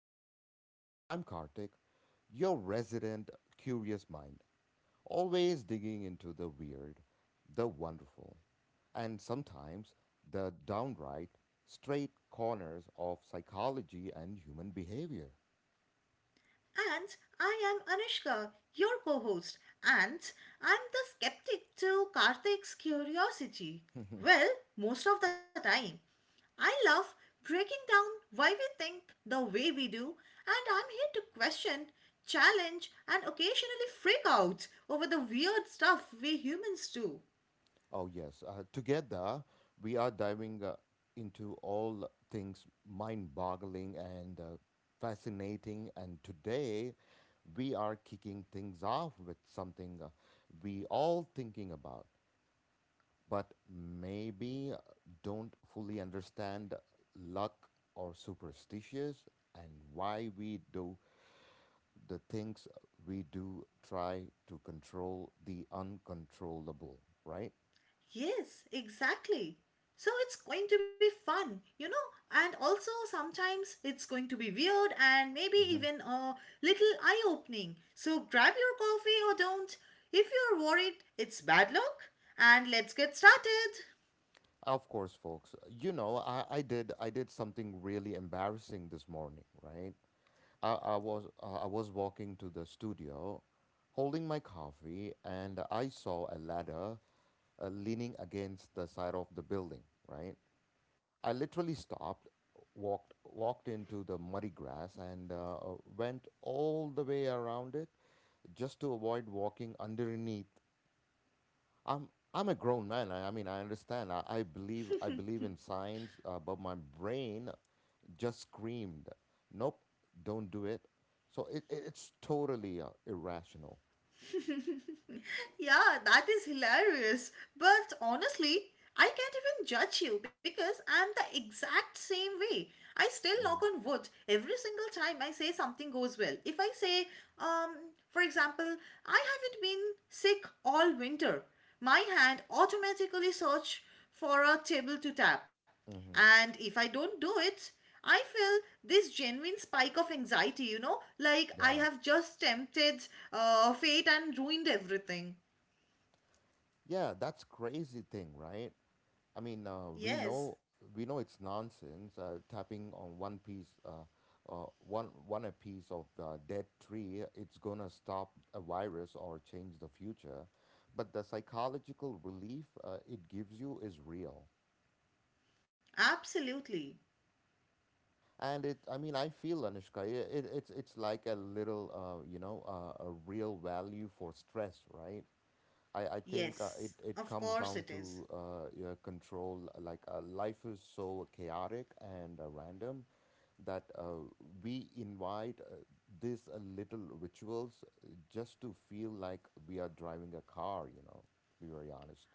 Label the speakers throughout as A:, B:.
A: Unplugged. I'm Kartik, your resident curious mind, always digging into the weird, the wonderful, and sometimes the downright straight corners of psychology and human behavior.
B: And I am Anushka, your co host, and I'm the skeptic to Karthik's curiosity. Well, most of the time. I love breaking down why we think the way we do, and I'm here to question, challenge, and occasionally freak out over the weird stuff we humans do.
A: Oh, yes. Together, we are diving into all things mind boggling and fascinating. And today, we are kicking things off with something we all thinking about, but maybe don't fully understand luck or superstitious and why we do the things we do try to control the uncontrollable, right?
B: Yes, exactly. So it's going to be fun, and also sometimes it's going to be weird and maybe even a little eye opening. So grab your coffee or don't. If you're worried, it's bad luck. And let's get started.
A: Of course, folks. You know, I did something really embarrassing this morning, right? I was walking to the studio, holding my coffee, and I saw a ladder leaning against the side of the building, right? I literally stopped, walked into the muddy grass, and went all the way around it just to avoid walking underneath I'm I'm a grown man. I mean, I understand. I believe in science, but my brain just screamed, "Nope, don't do it." So it's totally irrational.
B: Yeah, that is hilarious. But honestly, I can't even judge you because I'm the exact same way. I still knock
A: hmm
B: on wood every single time I say something goes well. If I say, um, for example, I haven't been sick all winter, my hand automatically search for a table to tap.
A: hmm
B: And if I don't do it, I feel this genuine spike of anxiety, like I
A: Yeah,
B: have just tempted fate and ruined everything.
A: yeah, that's crazy thing, right? I mean,
B: Yes,
A: we know it's nonsense tapping on one piece, uh, one a piece of dead tree. It's gonna stop a virus or change the future, but the psychological relief it gives you is real.
B: absolutely.
A: And I mean, I feel Anushka, it's like a little, a real value for stress, right? I, I think uh, it,
B: Yes,
A: it
B: of
A: comes
B: course
A: down
B: it is.
A: to your control. Life is so chaotic and random. That we invite these little rituals just to feel like we are driving a car, you know, be very honest.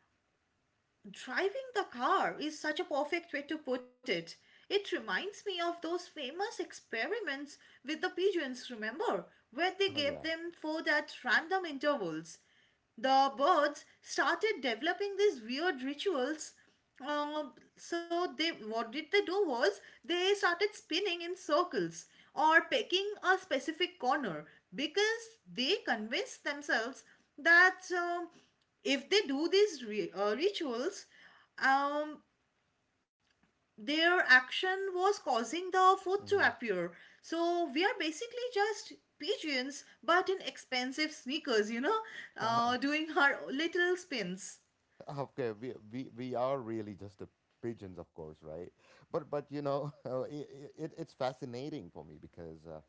B: Driving the car is such a perfect way to put it. It reminds me of those famous experiments with the pigeons, remember, where they
A: Oh,
B: gave
A: yeah.
B: them food at random intervals, the birds started developing these weird rituals. Uh, so they what did they do was they started spinning in circles or pecking a specific corner because they convinced themselves that if they do these rituals um, their action was causing the food to appear. So we are basically just pigeons, but in expensive sneakers,
A: hmm
B: doing our little spins.
A: Okay, we are really just a pigeons, of course, right? But you know, it's fascinating for me because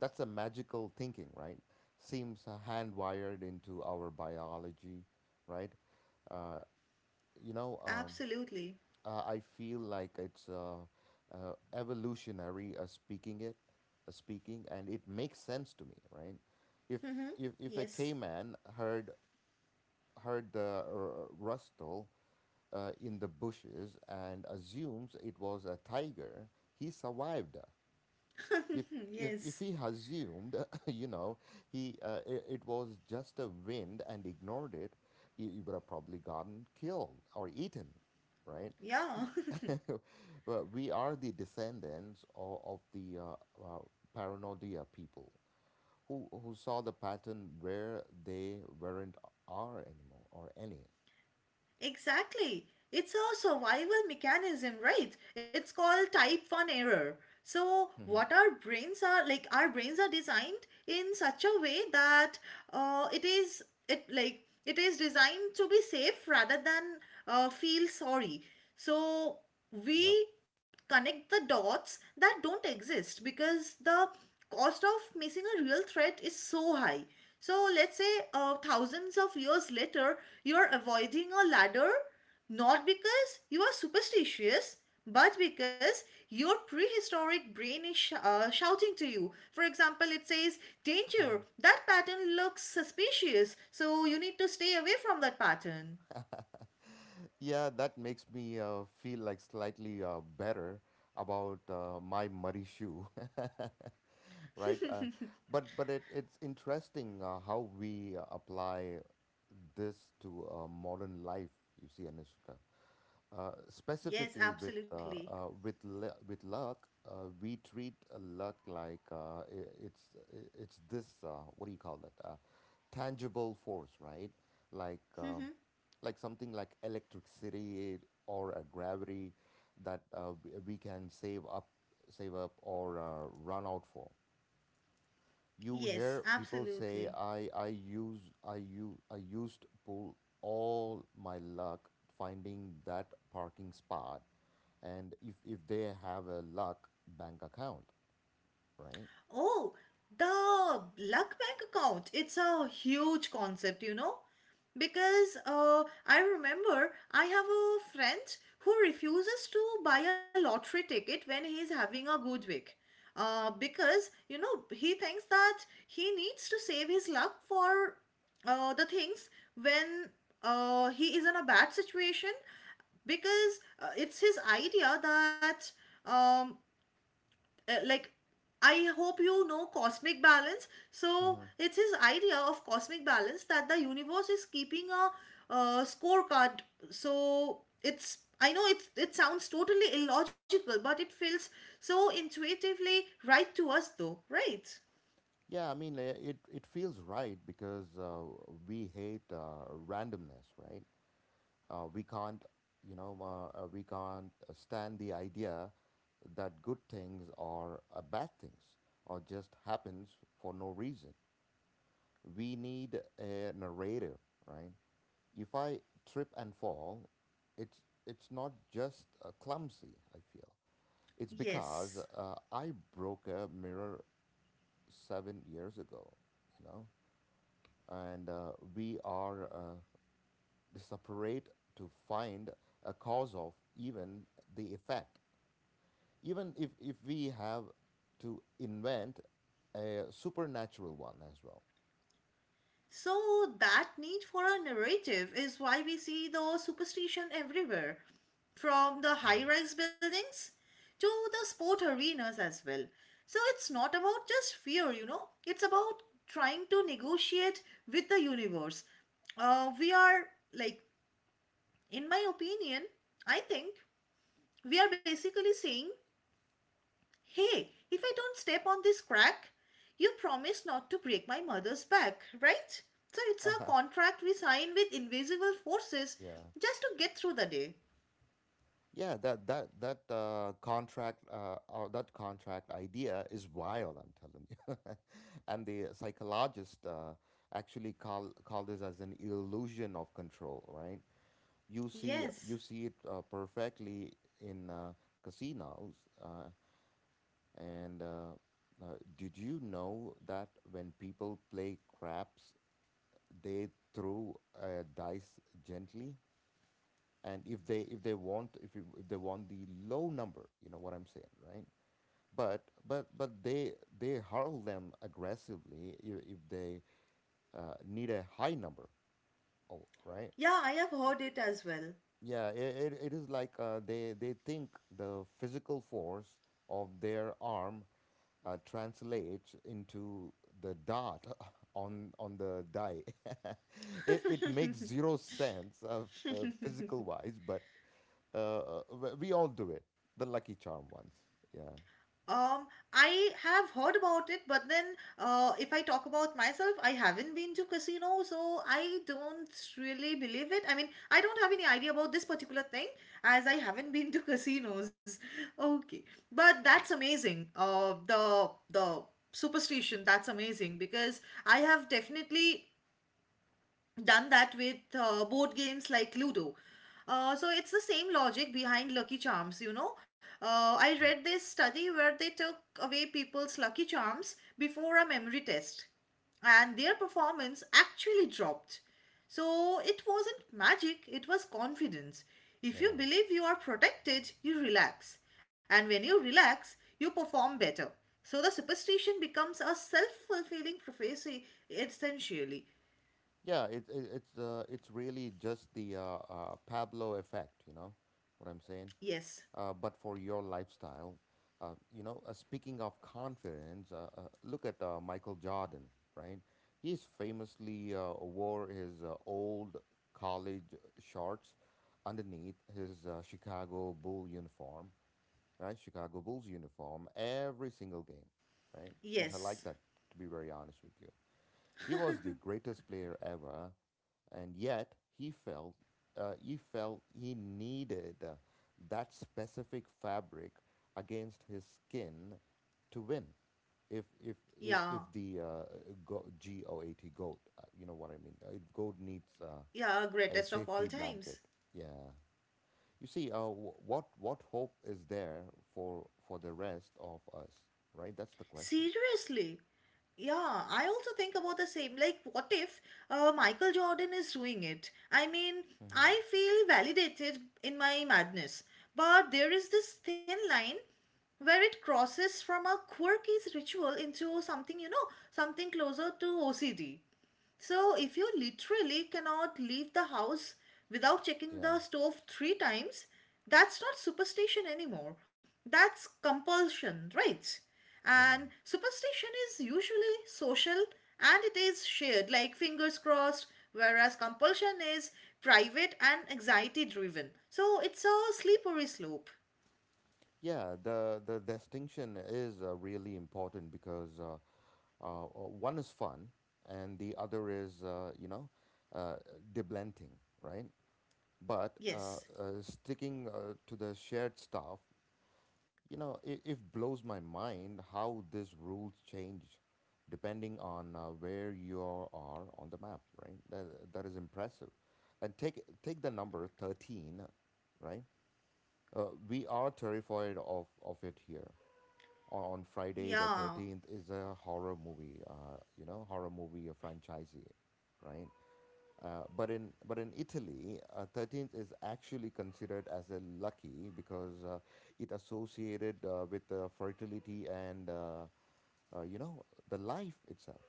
A: that's a magical thinking, right? Seems hand wired into our biology, right? Uh, you know, um,
B: Absolutely.
A: I feel like it's evolutionary speaking, and it makes sense to me, right? If
B: Mm-hmm.
A: if a
B: Yes.
A: caveman heard the rustle in the bushes and assumes it was a tiger, he survived if if if
B: Yes.
A: he assumed you know it was just a wind and ignored it you would have probably gotten killed or eaten right. See,
B: Yeah.
A: well, we are the descendants of the paranoia people who saw the pattern where they weren't are anymore or any.
B: Exactly. It's a survival mechanism, right? It's called type 1 error. So,
A: Mhm.
B: what our brains are like, our brains are designed in such a way that it is, it like it is designed to be safe rather than feel sorry. So
A: yep
B: we connect the dots that don't exist because the cost of missing a real threat is so high. So let's say thousands of years later, you're avoiding a ladder not because you are superstitious, but because your prehistoric brain is shouting to you. For example, it says, "Danger,
A: Mhm.
B: that pattern looks suspicious," so you need to stay away from that pattern.
A: Yeah, that makes me feel like slightly better about my muddy shoe, right? It's interesting how we apply this to modern life. You see, Anushka, uh,
B: Yes,
A: specifically with uh,
B: absolutely.
A: uh, with lu- with luck, we treat luck like it's this what do you call that? Tangible force, right? Like uh,
B: Hmm.
A: like something like electricity or a gravity that we can save up, save up, or run out for. You
B: Yes,
A: hear people say,
B: absolutely.
A: "I used pull all my luck finding that parking spot," and if they have a luck bank account, right?
B: Oh, the luck bank account. It's a huge concept, because I remember I have a friend who refuses to buy a lottery ticket when he's having a good week. Because you know he thinks that he needs to save his luck for the things when he is in a bad situation because it's his idea that, um, like, I hope you know, cosmic balance. So it's his idea of cosmic balance that the universe is keeping a scorecard. So it's, I know it's, it sounds totally illogical, but it feels so intuitively right to us, though, right?
A: It feels right because we hate randomness, right? Uh, we can't, we can't stand the idea that good things or bad things or just happens for no reason. We need a narrative, right? If I trip and fall, it's it's not just clumsy. I feel it's
B: Yes.
A: because I broke a mirror 7 years ago. You know, and we are separate to find a cause of even the effect. Even if we have to invent a supernatural one as well.
B: So, that need for a narrative is why we see the superstition everywhere, from the
A: Mhm.
B: high rise buildings to the sport arenas as well. So, it's not about just fear, it's about trying to negotiate with the universe. We are, like, in my opinion, I think we are basically saying, "Hey, if I don't step on this crack, you promise not to break my mother's back," right? So it's a
A: Uh-huh.
B: contract we sign with invisible forces
A: Yeah.
B: just to get through the day.
A: Yeah, that that that contract or that contract idea is wild, I'm telling you. And the psychologist actually call this as an illusion of control, right? you see you
B: Yes.
A: see it perfectly in casinos uh, and uh, did you know that when people play craps they throw dice gently and if they want if, you- if they want the low number you know what I'm saying right but they hurl them aggressively if they need a high number. Oh, right.
B: Yeah, I have heard it as well.
A: Yeah, it is like they think the physical force of their arm translates into the dot on the die. It makes zero sense of physical wise, but we all do it. The Lucky Charm ones. Yeah.
B: Um, I have heard about it, but then if I talk about myself, I haven't been to casino, so I don't really believe it. I mean, I don't have any idea about this particular thing as I haven't been to casinos. Okay, but that's amazing. The superstition, that's amazing because I have definitely done that with board games like Ludo. So it's the same logic behind Lucky Charms, I read
A: Yep.
B: this study where they took away people's Lucky Charms before a memory test, and their performance actually dropped. So it wasn't magic, it was confidence. If you
A: Yeah.
B: believe you are protected, you relax, and when you relax, you perform better. So the superstition becomes a self fulfilling prophecy essentially.
A: Yeah, it's really just the Pablo effect. You know what I'm saying?
B: Yes.
A: But for your lifestyle. Speaking of confidence, look at Michael Jordan, right? He's famously wore his old college shorts underneath his Chicago Bull uniform, right? Chicago Bulls uniform every single game, right? Which I like
B: Yes.
A: that, to be very honest with you. He was the greatest player ever, and yet he felt he needed that specific fabric against his skin to win. If if if, if
B: Yeah.
A: the uh, go- G O A T goat, you know what I mean. Goat needs
B: Yeah,
A: a
B: greatest of all
A: safety blanket.
B: times.
A: Yeah. You see, what hope is there for the rest of us, right? That's the question.
B: Seriously. Yeah, I also think about the same. Like, what if Michael Jordan is doing it? I mean,
A: Mm-hmm.
B: I feel validated in my madness. But there is this thin line where it crosses from a quirky ritual into something, something closer to OCD. So, if you literally cannot leave the house without checking
A: Yeah,
B: the stove three times, that's not superstition anymore. That's compulsion, right?
A: yeah,
B: And superstition is usually social and it is shared, like fingers crossed, whereas compulsion is private and anxiety driven. So, it's a slippery slope.
A: yeah, the distinction is really important because one is fun, and the other is, uh, deblenting, right? But
B: Yes.
A: sticking to the shared stuff, you know, it blows my mind how these rules change depending on where you are on the map, right? That is impressive. And take the number 13, right? We are terrified of it here on Friday the
B: Yeah.
A: 13th is a horror movie, horror movie, a franchisee, right? But in Italy, 13th is actually considered as a lucky because it associated with fertility and you know the life itself.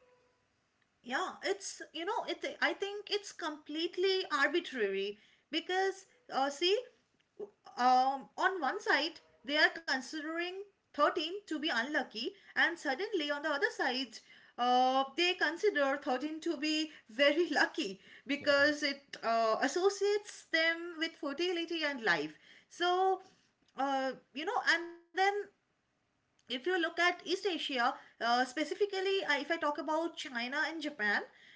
B: Yeah, it I think it's completely arbitrary because see, on one side they are considering 13 to be unlucky and suddenly on the other side they consider 13 to be very lucky
A: Yeah.
B: because it associates them with fertility and life. So you know and then if you look at East Asia, specifically, if I talk about China and Japan,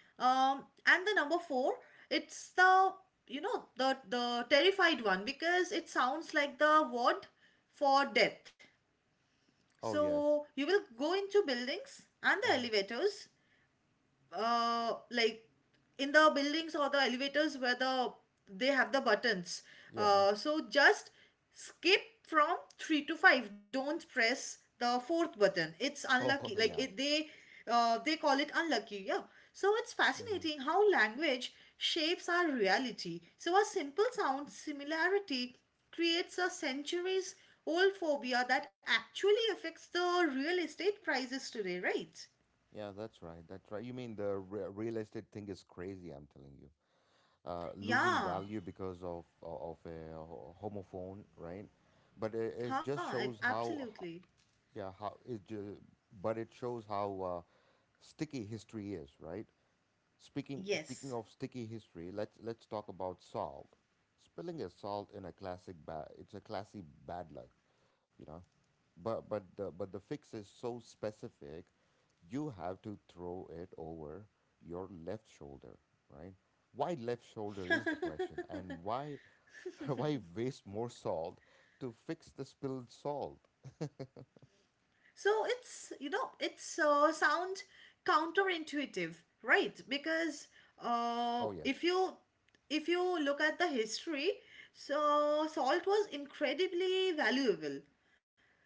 B: um, and the number four, it's the, you know, the terrified one because it sounds like the word for death.
A: Oh yes.
B: So you will go into buildings and the
A: hmm
B: elevators, uh, like in the buildings or the elevators where the they have the buttons,
A: Yeah.
B: so just skip from 3 to 5, don't press the fourth button, it's unlucky.
A: Oh
B: Like it,
A: yeah.
B: they call it unlucky. Yeah, so it's
A: hmm
B: fascinating how language shapes our reality. So a simple sound similarity creates a centuries old phobia that actually affects the real estate prices today, right?
A: Yeah, that's right. That's right. You mean the re real estate thing is crazy, I'm telling you. uh, losing
B: Yeah.
A: value because of of a homophone, right? But it
B: Huh,
A: just
B: I,
A: shows how, ho-
B: absolutely.
A: yeah, how it. Ju- but it shows how sticky history is, right? Speaking
B: Yes.
A: of sticky history, let's talk about salt. Spilling a salt in a classic bad. It's a classic bad luck you know but the fix is so specific. You have to throw it over your left shoulder, right? Why left shoulder is the question, and why why waste more salt to fix the spilled salt?
B: So it's, it's sound counterintuitive, right? Because uh,
A: Oh yes.
B: if you if you look at the history, so salt was incredibly valuable.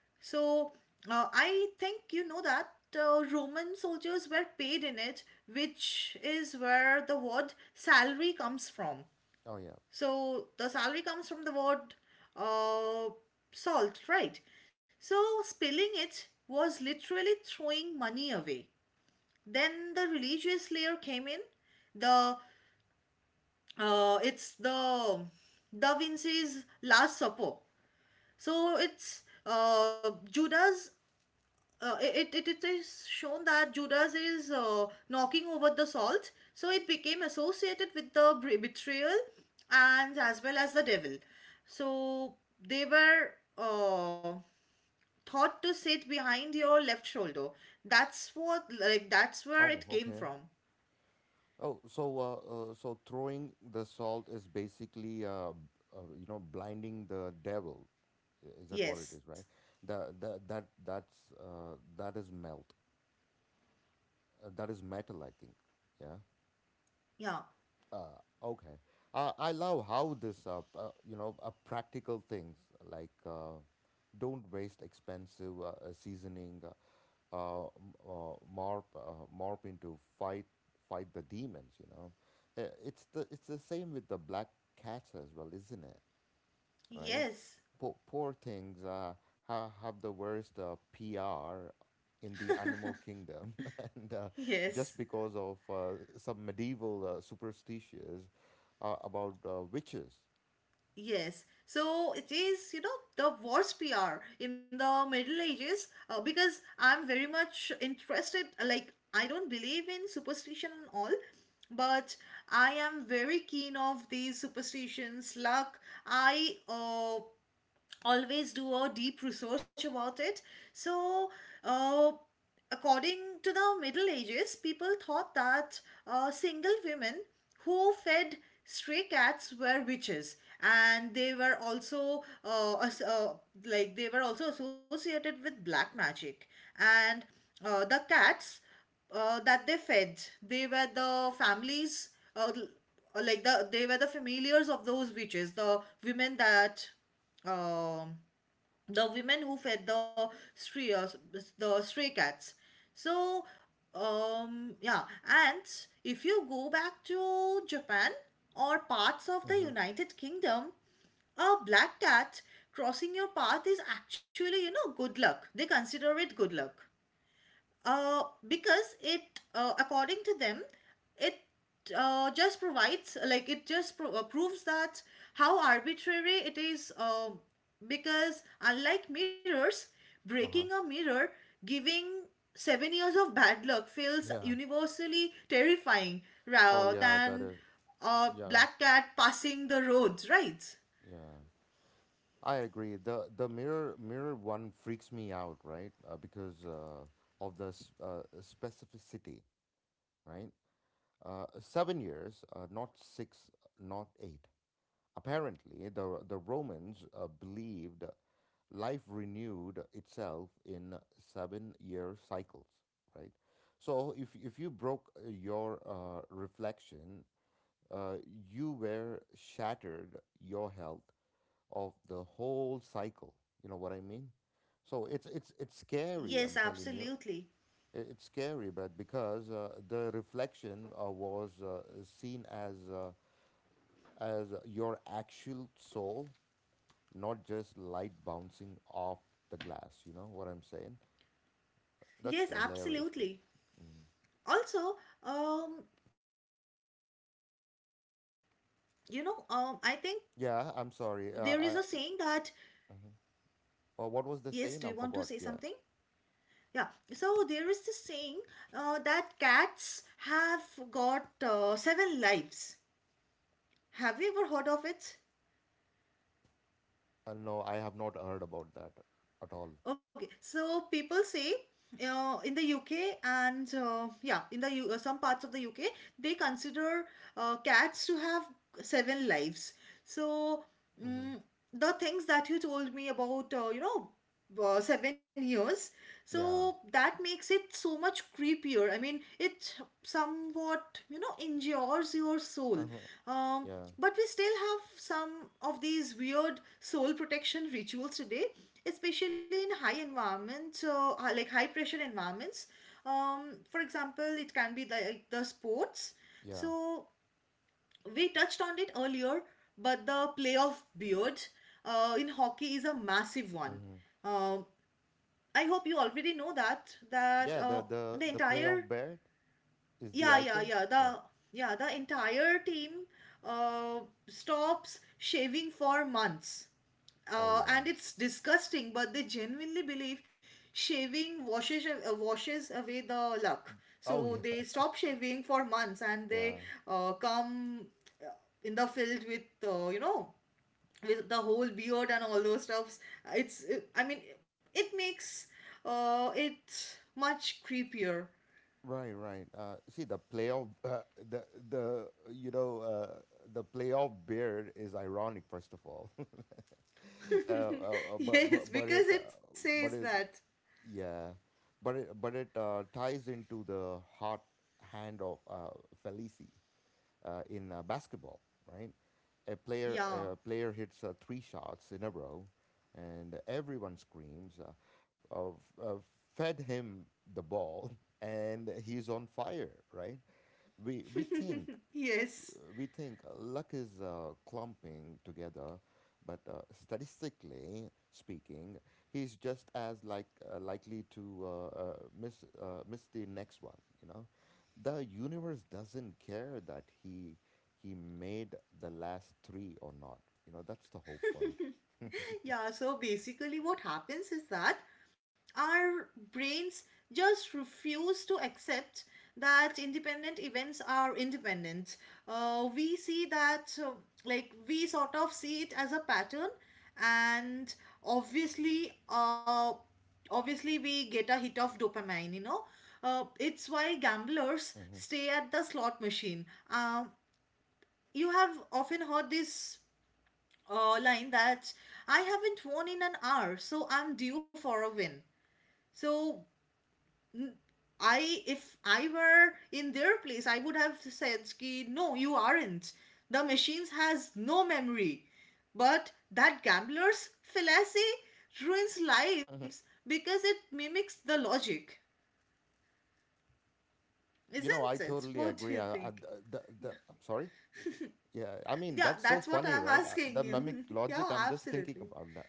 B: So I think you know that Roman soldiers were paid in it, which is where the word salary comes from.
A: Oh yeah.
B: So the salary comes from the word uh, salt, right? So spilling it was literally throwing money away. Then the religious layer came in. The it's the Da Vinci's Last Supper. So it's Judas, it is shown that Judas is knocking over the salt, so it became associated with the betrayal and as well as the devil. So they were uh, thought to sit behind your left shoulder. That's what, like, that's where
A: Oh
B: it came
A: okay.
B: from.
A: Oh, so so throwing the salt is basically you know blinding the devil. Is that what it
B: Yes.
A: is, right? The, the that that's uh that is melt. That is metal, I think. Yeah.
B: Yeah.
A: Uh, okay. I love how this, practical things like don't waste expensive seasoning, uh, m- morph into fight the demons. You know, it's the same with the black cats as well, isn't it? Right?
B: Yes.
A: Poor things have the worst PR in the animal kingdom, and just
B: Yes.
A: because of some medieval superstitions about witches.
B: Yes, so it is, the worst PR in the Middle Ages because I'm very much interested. Like, I don't believe in superstition and all, but I am very keen of these superstitions, luck. I always do a deep research about it. So, uh, according to the Middle Ages, people thought that single women who fed stray cats were witches, and they were also as- like they were also associated with black magic. And the cats that they fed, they were the families. L- like the they were the familiars of those witches, the women that, um the women who fed the stray, the stray cats. So, yeah. And if you go back to Japan or parts of the
A: Mm-hmm.
B: United Kingdom, a black cat crossing your path is actually, you know, good luck. They consider it good luck uh, because it, according to them, it, just provides like it just pro- proves that how arbitrary it is, because unlike mirrors, breaking a
A: Uh-huh.
B: mirror giving 7 years of bad luck feels
A: Yeah.
B: universally terrifying
A: Oh,
B: rather
A: yeah. That
B: than
A: is.
B: a
A: Yeah.
B: black cat passing the roads, right?
A: Yeah, I agree. The mirror one freaks me out, right? Because of the specificity, right? 7 years, not six, not eight. Apparently, the Romans believed life renewed itself in 7 year cycles, right? So if you broke your reflection, uh, you were shattered your health of the whole cycle. You know what I mean? So it's it's scary. I'm
B: Yes,
A: telling you,
B: absolutely.
A: it's scary. But because the reflection was seen as your actual soul, not just light bouncing off the glass. You know what I'm saying? That's
B: Yes,
A: a hilarious way.
B: absolutely.
A: Mm.
B: Also, um, I think there
A: Yeah,
B: is a
A: I'm
B: saying
A: sorry.
B: that
A: I, mhm. What
B: yes do
A: was
B: you
A: the
B: want to
A: saying? I
B: say
A: forgot.
B: something?
A: Yeah.
B: Yeah, so there is this saying that cats have got seven lives. Have you ever heard of it?
A: No, I have not heard about that at all.
B: Okay, so people say in the UK and yeah, in the some parts of the UK, they consider cats to have seven lives. So,
A: Hmm
B: mm, the things that you told me about, 7 years. So
A: Yeah.
B: that makes it so much creepier. I mean, it somewhat, you know, injures your soul.
A: Uh-huh.
B: Um,
A: Yeah.
B: but we still have some of these weird soul protection rituals today, especially in high environments, hi- like high pressure environments. For example, it can be like the sports.
A: Yeah.
B: So we touched on it earlier, but the play of beard in hockey is a massive one.
A: hmm
B: Um I hope you already know that that
A: Yeah. The the
B: the
A: the play
B: entire
A: of Baird is the
B: yeah yeah
A: icon,
B: yeah
A: right?
B: the yeah, the entire team uh, stops shaving for months.
A: Oh yeah.
B: And it's disgusting, but they genuinely believe shaving washes away the luck.
A: Oh
B: So
A: yeah.
B: they stop shaving for months and they
A: Yeah.
B: come uh, in the field with with the whole beard and all those stuffs. I mean, it makes it much creepier.
A: Right, right. See, the playoff, the the you know, uh, the playoff beard is ironic, first of all. uh, uh, uh, but
B: Yes,
A: but but it
B: because it
A: uh,
B: says
A: but it
B: that.
A: yeah, but it ties into the hot hand of Felici in basketball, right? A player
B: Yeah,
A: a player hits three shots in a row, and everyone screams. Of, uh, Fed him the ball, and he's on fire, right? We we think
B: yes.
A: we think luck is clumping together, but statistically speaking, he's just as like likely to miss miss the next one. You know, the universe doesn't care that he made the last three or not. You know, that's the whole point.
B: Yeah, so basically, what happens is that our brains just refuse to accept that independent events are independent. We see that, like, we sort of see it as a pattern, and obviously, uh, obviously, we get a hit of dopamine, you know. It's why gamblers
A: hmm
B: stay at the slot machine. You have often heard this line that I haven't won in an hour, so I'm due for a win. So if I were in their place, I would have said, "Ki no, you aren't. The machines has no memory." But that gambler's fallacy ruins lives
A: hmm
B: because it mimics the logic,
A: You know, I
B: isn't it?
A: totally
B: What do
A: agree.
B: you
A: I,
B: think?
A: the- I'm sorry. Yeah, I mean
B: Yeah,
A: that's so
B: that's what
A: funny,
B: I'm
A: right? The
B: asking
A: mimic
B: you.
A: logic.
B: Yeah,
A: I'm just thinking
B: absolutely,
A: about that.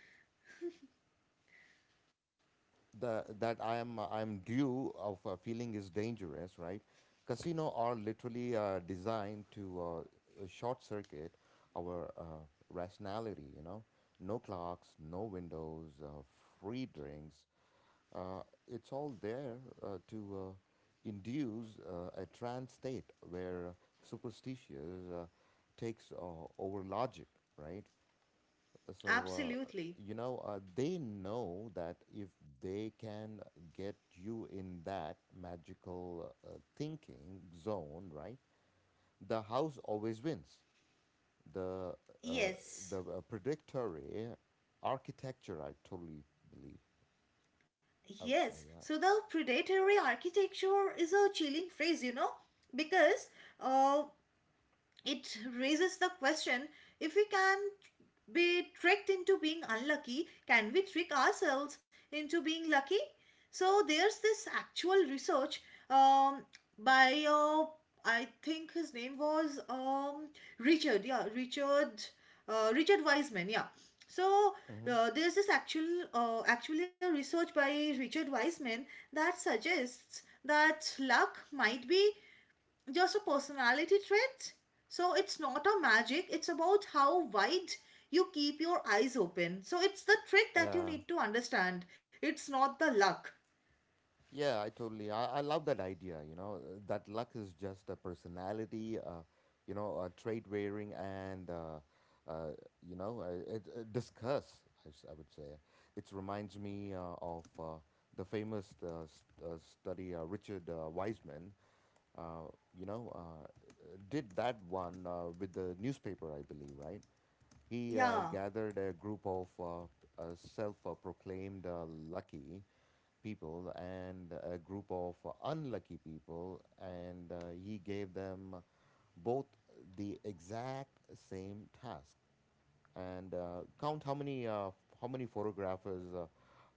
A: The That I am due of feeling is dangerous, right? Casino are literally designed to short circuit our rationality. You know, no clocks, no windows, free drinks. Uh, it's all there to induce a trance state where superstitious takes over logic, right? So
B: absolutely.
A: you know, they know that if they can get you in that magical thinking zone, right? The house always wins. The uh, the
B: Yes.
A: uh, predictory architecture, I totally believe. I would
B: Yes,
A: say,
B: so
A: yeah.
B: the predatory architecture is a chilling phrase, you know, because uh, it raises the question: if we can be tricked into being unlucky, can we trick ourselves into being lucky? So there's this actual research, um, by, I think his name was, Richard, yeah, Richard, Richard Wiseman, yeah. So
A: hmm
B: there's this actual, actually a research by Richard Wiseman that suggests that luck might be just a personality trait. So it's not a magic, it's about how wide you keep your eyes open. So it's the trick that you
A: Yeah.
B: need to understand. It's not the luck.
A: Yeah, I totally. I love that idea. You know, that luck is just a personality, you know, a trait wearing and, you know, discuss, I would say. It reminds me of the famous s study Richard Wiseman, uh, you know, did that one with the newspaper, I believe, right? He
B: Yeah.
A: gathered a group of self-proclaimed lucky people and a group of unlucky people, and he gave them both the exact same task. And count how many how many photographers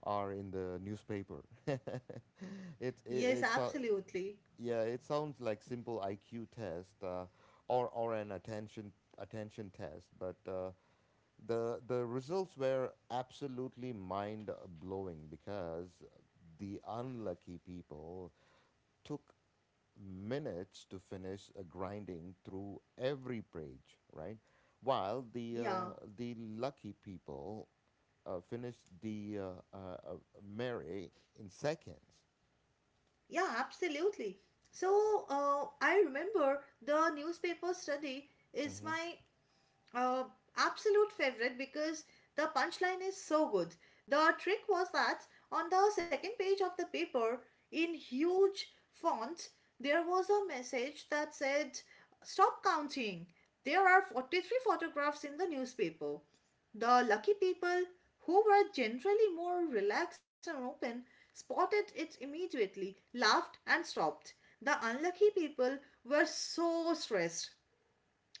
A: are in the newspaper. it
B: Yes,
A: it's a
B: absolutely.
A: Yeah. It sounds like simple IQ test or an attention test, but the results were absolutely mind blowing because the unlucky people took minutes to finish grinding through every page, right? While the
B: Yeah.
A: uh, the lucky people finished the Mary in seconds.
B: Yeah, absolutely. So I remember the newspaper study is
A: hmm
B: my Uh, absolute favorite because the punchline is so good. The trick was that on the second page of the paper, in huge font, there was a message that said, "Stop counting. There are 43 photographs in the newspaper." The lucky people, who were generally more relaxed and open, spotted it immediately, laughed, and stopped. The unlucky people were so stressed,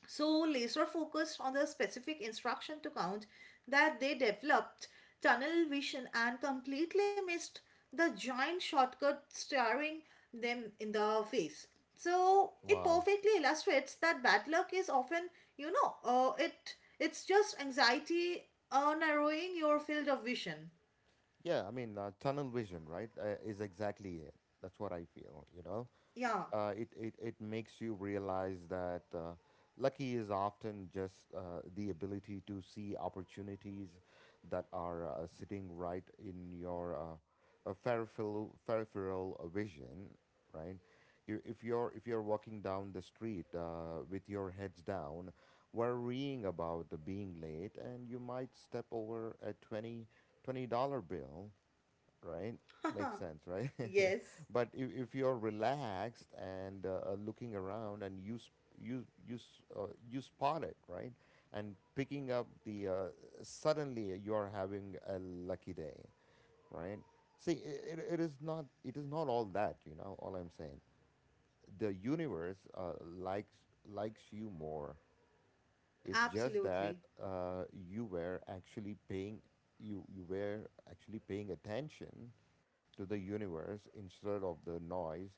B: so laser focused on the specific instruction to count, that they developed tunnel vision and completely missed the giant shortcut staring them in the face. So it
A: Wow.
B: perfectly illustrates that bad luck is often, you know, it's just anxiety narrowing your field of vision.
A: Yeah, I mean, tunnel vision, right, is exactly it. That's what I feel, you know?
B: Yeah.
A: It it makes you realize that lucky is often just the ability to see opportunities that are sitting right in your peripheral vision, right? If you're walking down the street with your heads down, worrying about being late, and you might step over a $20 bill right? Makes sense, right?
B: Yes.
A: But if you're relaxed and looking around and you spot it, right? And picking up the suddenly you're having a lucky day, right? See, it is not all that, you know, all I'm saying. The universe likes you more. It's just that
B: Absolutely.
A: you you were actually paying attention to the universe instead of the noise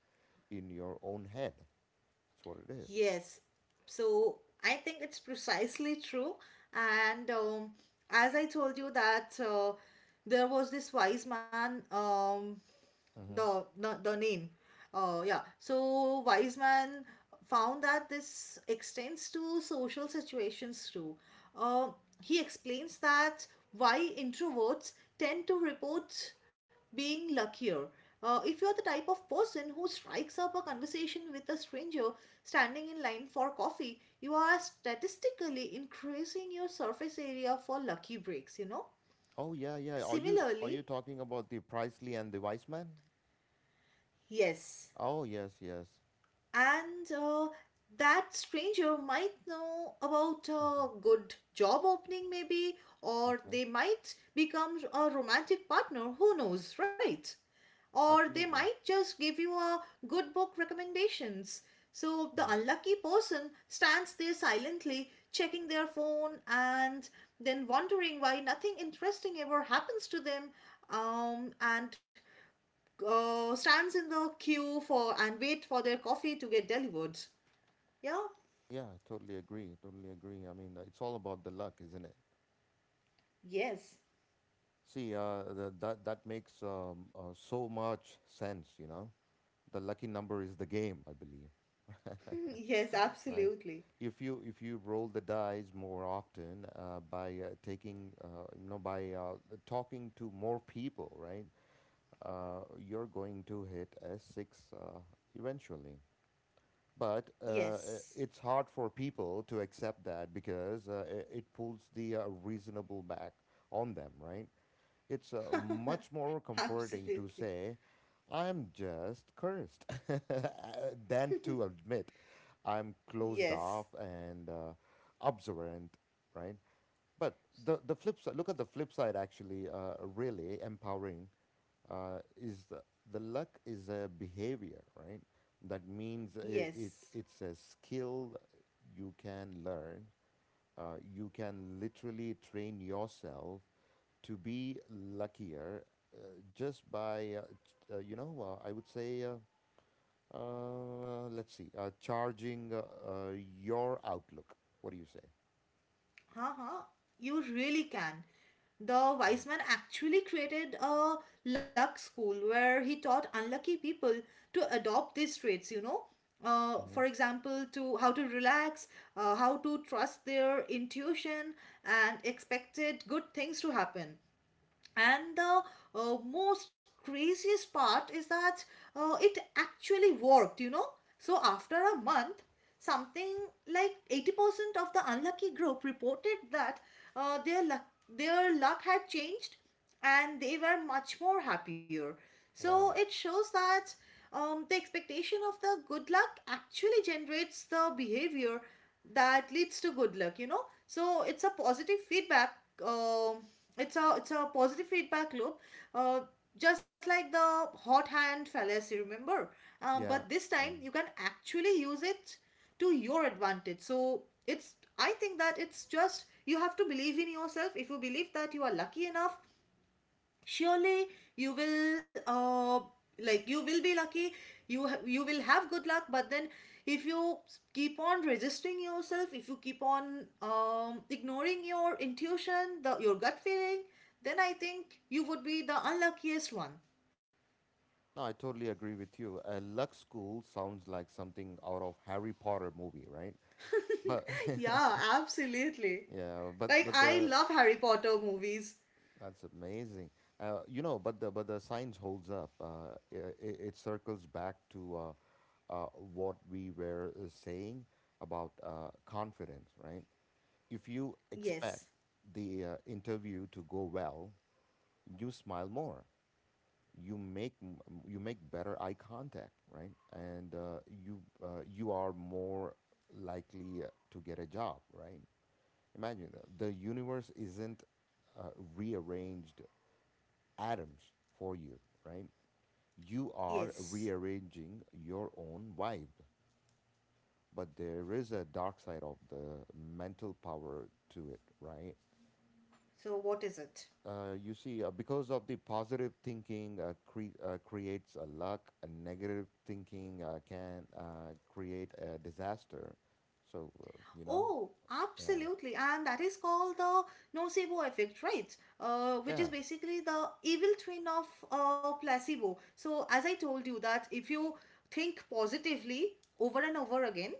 A: in your own head. That's what it is.
B: Yes. So I think it's precisely true. And as I told you that there was this wise man,
A: Mm-hmm.
B: the name, yeah. So wise man found that this extends to social situations too. Uh, he explains that why introverts tend to report being luckier. If you're the type of person who strikes up a conversation with a stranger standing in line for coffee, you are statistically increasing your surface area for lucky breaks, you know?
A: Oh yeah, yeah. Are you
B: Similarly,
A: talking about the Priestley and the Wiseman?
B: yes,
A: Oh yes, yes.
B: and that stranger might know about
A: hmm
B: a good job opening maybe, or
A: Okay,
B: they might become a romantic partner, who knows, right? Or they might
A: absolutely.
B: just give you a good book recommendations. So the
A: Mhm.
B: unlucky person stands there silently checking their phone and then wondering why nothing interesting ever happens to them, and stands in the queue for and wait for their coffee to get delivered. Yeah?
A: Yeah, totally agree. Totally agree. I mean, it's all about the luck, isn't it?
B: Yes.
A: See, that that makes so much sense. You know, the lucky number is the game, I believe.
B: Yes,
A: Right?
B: absolutely.
A: If you roll the dice more often by taking you know by talking to more people, right? You're going to hit a six eventually. But
B: Yes.
A: it's hard for people to accept that because it pulls the reasonable back on them, right? It's much more comforting to
B: Absolutely.
A: say, I'm just cursed, than to admit I'm closed
B: Yes.
A: off and observant, right? But the flip side, look at the flip side, actually, really empowering is the luck is a behavior, right? That means
B: Yes.
A: it's a skill you can learn. You can literally train yourself to be luckier uh, just by you know I would say let's see charging uh, your outlook what do you say.
B: Haha, you really can. The wise man actually created a luck school where he taught unlucky people to adopt these traits, you know. For
A: hmm
B: example, to how to relax, how to trust their intuition, and expected good things to happen. And the most craziest part is that it actually worked, you know. So after a month, something like 80% of the unlucky group reported that their luck had changed and they were much more happier. So
A: wow.
B: it shows that the expectation of the good luck actually generates the behavior that leads to good luck, you know. So it's a positive feedback. um it's a positive feedback loop, uh, just like the hot hand fallacy, remember?
A: Yeah,
B: But this
A: yeah.
B: time you can actually use it to your advantage. So it's, I think that it's just you have to believe in yourself. If you believe that you are lucky enough, surely you will, like, you will be lucky. You will have good luck. But then if you keep on resisting yourself, if you keep on ignoring your intuition, the your gut feeling, then I think you would be the unluckiest one.
A: No, I totally agree with you. A luck school sounds like something out of Harry Potter movie, right? But
B: Yeah, absolutely.
A: yeah,
B: Like,
A: but
B: I
A: the
B: love Harry Potter movies.
A: that's amazing. You know, but the science holds up. It it circles back to what we were saying about confidence, right? If you expect
B: Yes,
A: the interview to go well, you smile more. You make better eye contact, right? And you are more likely to get a job, right? Imagine that. The universe isn't uh, rearranged atoms for you, right? You are
B: yes.
A: rearranging your own vibe. But there is a dark side of the mental power to it, right?
B: So what is it?
A: You see, because of the positive thinking creates a luck, a negative thinking can create a disaster. So, you know,
B: Oh,
A: yeah.
B: absolutely. And that is called the nocebo effect, right? Which is
A: Yeah.
B: basically the evil twin of placebo. So, as I told you, that if you think positively over and over again,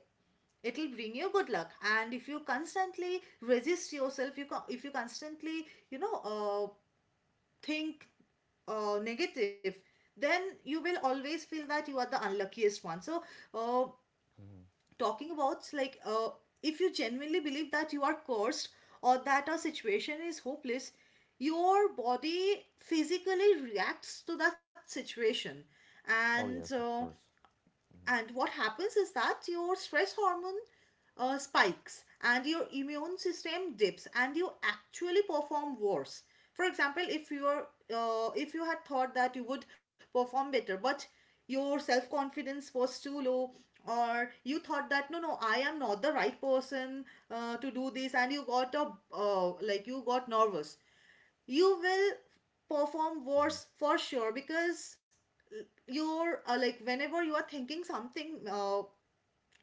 B: it'll bring you good luck. And if you constantly resist yourself, if you constantly, you know, think negative, then you will always feel that you are the unluckiest one. So, uh,
A: hmm
B: talking about like, if you genuinely believe that you are cursed or that our situation is hopeless, your body physically reacts to that situation.
A: Oh,
B: And
A: yes, of course.
B: what happens is that your stress hormone spikes and your immune system dips and you actually perform worse. For example, if you had thought that you would perform better but your self confidence was too low, or you thought that, no, no, I am not the right person to do this, and you got nervous, you will perform
A: Mm-hmm.
B: worse for sure. Because you're like whenever you are thinking something,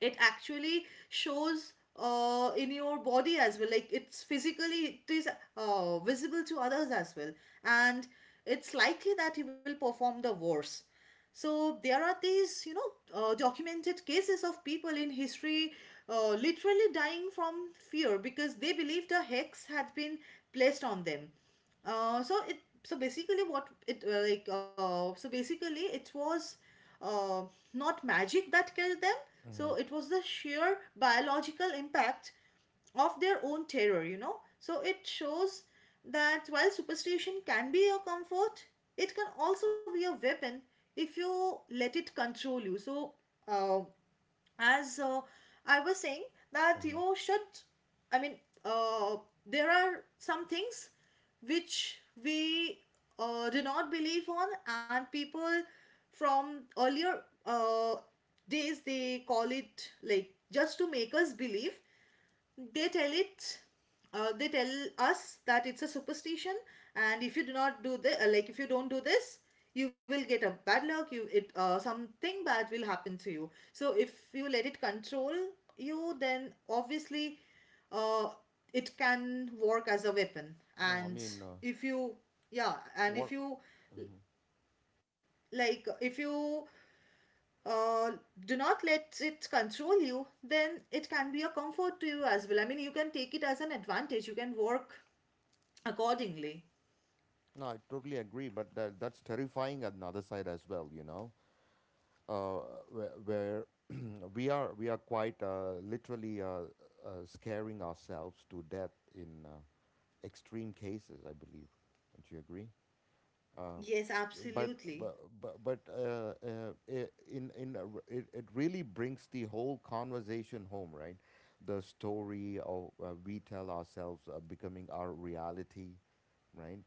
B: it actually shows in your body as well. Like, it's physically it is visible to others as well. And it's likely that you will perform the worse. So there are these, you know, documented cases of people in history literally dying from fear because they believed a hex had been placed on them. So basically it was uh, not magic that killed them.
A: Mm-hmm.
B: So it was the sheer biological impact of their own terror, you know. So it shows that while superstition can be a comfort, it can also be a weapon if you let it control you. So, uh, as I was saying, that
A: Hmm
B: you should, I mean, uh, there are some things which we do not believe on, and people from earlier uh, days, they call it, like, just to make us believe, they tell it they tell us that it's a superstition. And if you don't do this, you will get a bad luck. You it Something bad will happen to you. So if you let it control you, then obviously uh, it can work as a weapon.
A: No, I
B: And
A: mean,
B: if you yeah and if
A: what?
B: you
A: hmm
B: like if you uh, do not let it control you, then it can be a comfort to you as well. I mean, you can take it as an advantage, you can work accordingly.
A: No, I totally agree, but that that's terrifying on the other side as well, you know? uh, where we are quite literally scaring ourselves to death in extreme cases. I believe. Don't you agree? Uh,
B: Yes,
A: but
B: absolutely.
A: but but, but uh, uh, i- in a it really brings the whole conversation home, right? The story of we tell ourselves becoming our reality, right?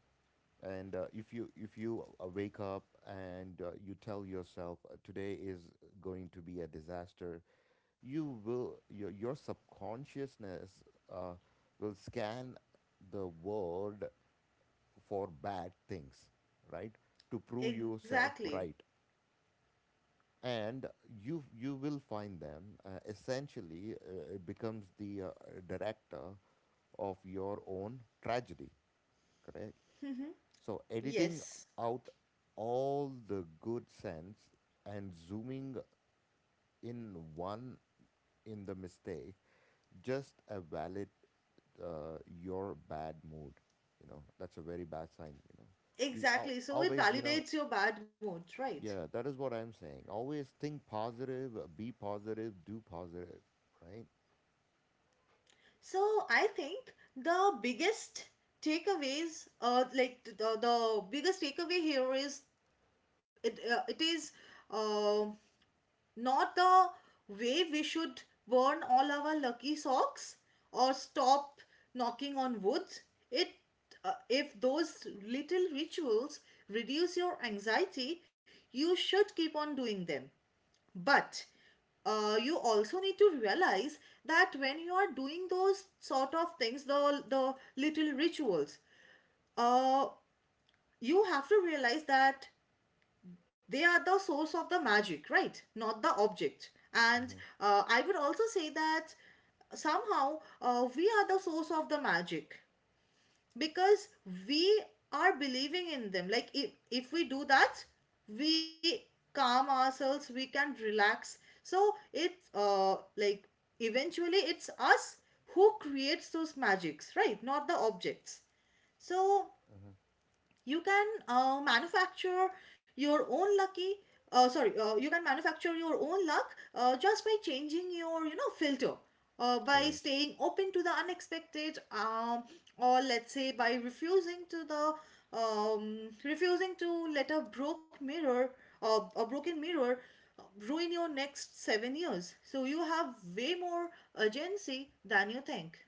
A: And if you wake up and you tell yourself today is going to be a disaster. You will your subconsciousness uh, will scan the world for bad things, right, to prove yourself
B: Exactly.
A: right. And you will find them essentially it becomes the director of your own tragedy. Correct. So editing
B: Yes,
A: out all the good sense and zooming in one in the mistake just a valid your bad mood. You know that's a very bad sign. You know
B: exactly. So it
A: always you know
B: validates your bad mood, right?
A: yeah that is what I'm saying. Always think positive, be positive, do positive, right?
B: So I think the biggest takeaways, like the biggest takeaway here is it, it is. Uh. Not the way we should burn all our lucky socks or stop knocking on wood. It If those little rituals reduce your anxiety, you should keep on doing them. But you also need to realize that when you are doing those sort of things, the little rituals, uh, you have to realize that they are the source of the magic, right? Not the object. And
A: Mm-hmm.
B: I would also say that somehow we are the source of the magic because we are believing in them. Like, if we do that, we calm ourselves, we can relax. So it's like eventually it's us who creates those magics, right? Not the objects. So
A: Mm-hmm.
B: you can manufacture your own lucky sorry you can manufacture your own luck just by changing your, you know, filter,
A: Oh
B: by
A: yes.
B: staying open to the unexpected. Or let's say by um, refusing to let a broken mirror uh, ruin your next 7 years. So you have way more urgency than you think.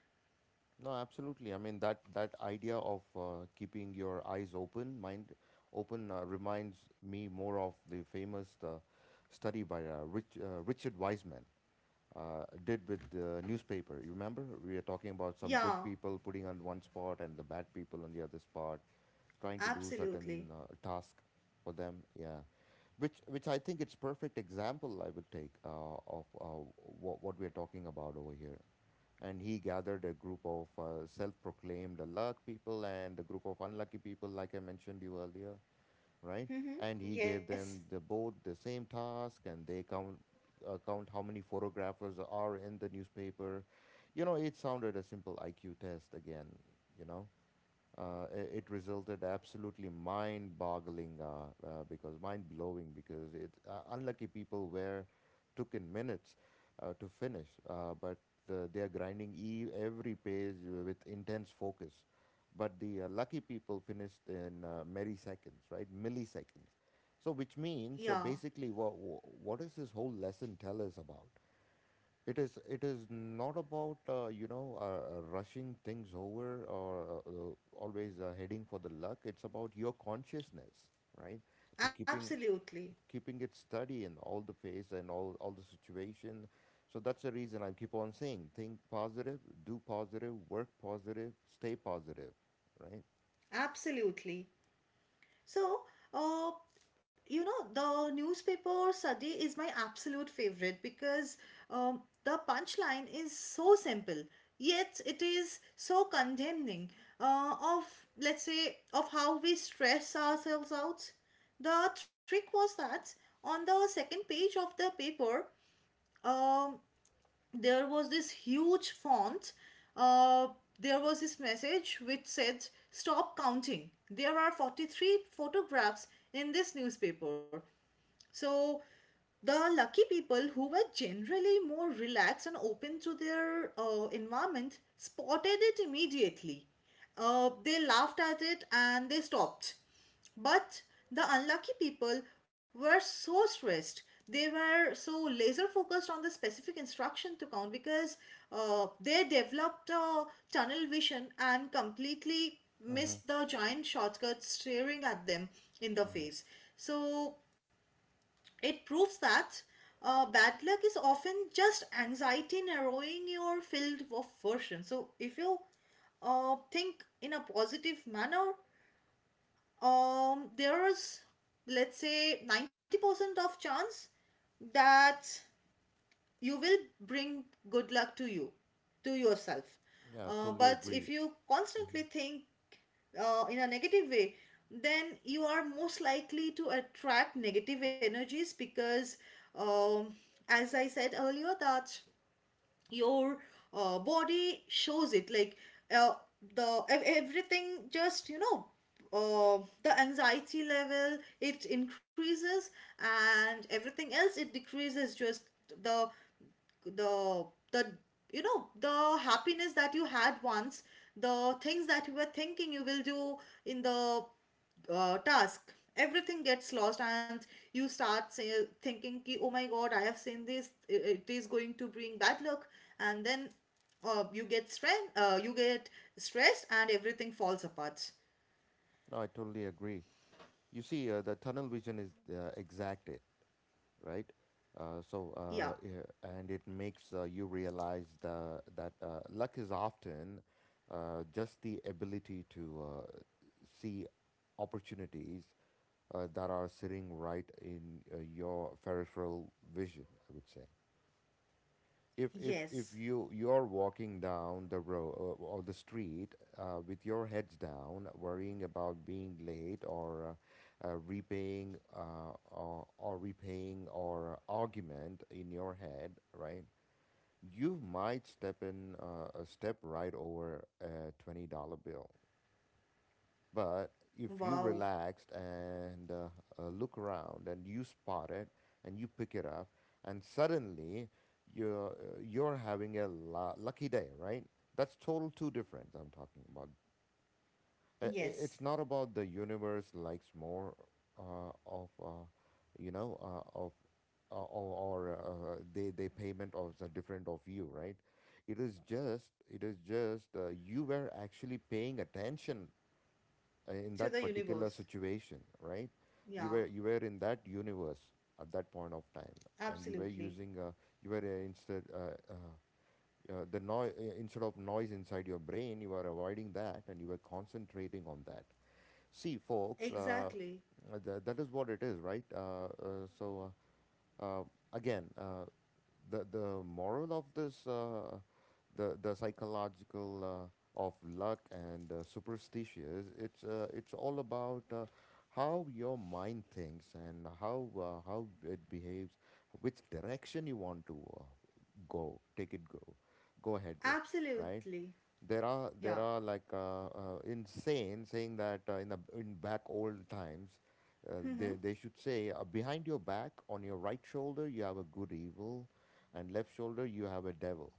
A: No, absolutely. I mean that that idea of keeping your eyes open, mind open, reminds me more of the famous study by Richard Wiseman did with the newspaper. You remember we were talking about some good
B: Yeah,
A: people putting on one spot and the bad people on the other spot, trying to do
B: absolutely.
A: certain task for them. Yeah, which I think it's perfect example I would take of what we're talking about over here. And he gathered a group of self-proclaimed luck people and a group of unlucky people like I mentioned you earlier, right?
B: Mm-hmm.
A: And he gave
B: Yes.
A: them the both the same task and they count count how many photographers are in the newspaper. You know it sounded a simple IQ test again, you know. It resulted absolutely mind-boggling because mind-blowing because it unlucky people were took in minutes to finish, but they are grinding every page with intense focus. But the lucky people finished in milliseconds, right? Milliseconds. So, which means, so
B: Yeah.
A: basically, what does this whole lesson tell us about? It is not about you know rushing things over or always heading for the luck. It's about your consciousness, right? To keeping
B: Absolutely,
A: Keeping it steady in all the phase and all the situation. So that's the reason I keep on saying think positive, do positive, work positive, stay positive, right?
B: absolutely. So, uh, you know, the newspaper study is my absolute favorite because the punchline is so simple, yet it is so condemning, of, let's say, of how we stress ourselves out. The trick was that on the second page of the paper, um, there was this huge font. Uh, there was this message which said, "Stop counting. There are 43 photographs in this newspaper." So, the lucky people who were generally more relaxed and open to their environment spotted it immediately. They laughed at it and they stopped. But the unlucky people were so stressed. They were so laser focused on the specific instruction to count because they developed a tunnel vision and completely
A: Uh-huh.
B: missed the giant shortcut staring at them in the
A: Uh-huh.
B: face. So it proves that bad luck is often just anxiety narrowing your field of version. So if you think in a positive manner, there is, let's say, 90% of chance that you will bring good luck to you, to yourself,
A: Yeah, I totally
B: but
A: agree.
B: if you
A: Mhm.
B: constantly think in a negative way, then you are most likely to attract negative energies because um, as I said earlier, that your body shows it, like, uh, everything just, you know, the anxiety level, it increases and everything else, it decreases. Just the the the you know, the happiness that you had once, the things that you were thinking you will do in the task, everything gets lost and you start say, thinking ki, oh my god, I have seen this, it is going to bring bad luck. And then you get strength, you get stressed and everything falls apart.
A: No, I totally agree. You see, the tunnel vision is exacted. Right? Uh, so
B: Yeah.
A: uh, yeah, and it makes you realize that luck is often just the ability to see opportunities that are sitting right in your peripheral vision, I would say. If
B: Yes.
A: you're walking down the road or the street with your heads down, worrying about being late or repaying or argument in your head, right? You might step in a step right over a $20 bill. But if you
B: Wow.
A: relaxed and look around and you spot it, and you pick it up, and suddenly you're having a lucky day, right? That's total two difference I'm talking about.
B: Yes,
A: It's not about the universe likes more of you know of uh, or, or they payment of the different of you, right? It is just you were actually paying attention in
B: to
A: that
B: the
A: particular
B: universe.
A: situation, right? You
B: Yeah.
A: were you were in that universe at that point of time, and you were
B: Absolutely.
A: using you were instead the noise instead of noise inside your brain. You were avoiding that, and you were concentrating on that. See, folks,
B: Exactly.
A: that is what it is, right? So uh, uh, Again. The moral of this, the psychological of luck and superstitions, it's all about how your mind thinks and how it behaves, which direction you want to go, take it, go go ahead with, right?
B: Absolutely.
A: There are
B: Yeah.
A: like insane saying that in the in back old times,
B: Mm-hmm.
A: they should say behind your back on your right shoulder you have a good evil, and left shoulder you have a devil,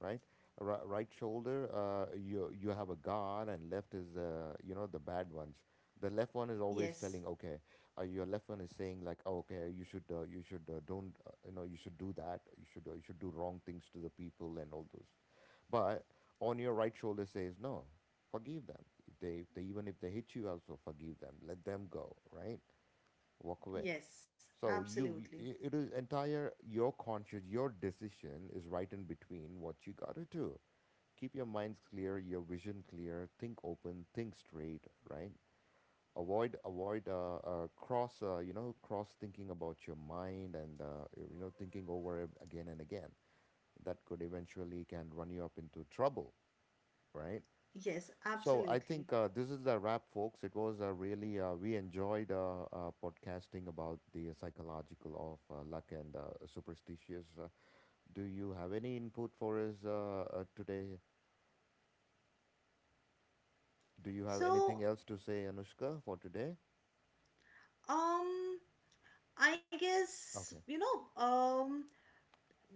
A: right? Right shoulder, you have a god, and left is, you know, the bad ones. The left one is always
B: Yes.
A: telling okay, your left one is saying like, oh, okay, you should, don't, you know, you should do that, you should, you should do wrong things to the people and all those. But on your right shoulder says no, forgive them. If they even if they hit you also, forgive them, let them go, right? Walk away.
B: Yes.
A: So you,
B: Absolutely.
A: it is entire your conscious, your decision is right in between what you got to do. Keep your minds clear, your vision clear, think open, think straight, right? Avoid cross, you know, cross thinking about your mind, and you know, thinking over it again and again, that could eventually can run you up into trouble, right?
B: Yes.
A: So I
B: Absolutely.
A: think this is a wrap, folks. It was really we enjoyed podcasting about the psychological of luck and superstitious. Do you have any input for us today? Do you have anything
B: So,
A: else to say, Anushka, for today?
B: um, I guess, you
A: Okay.
B: know,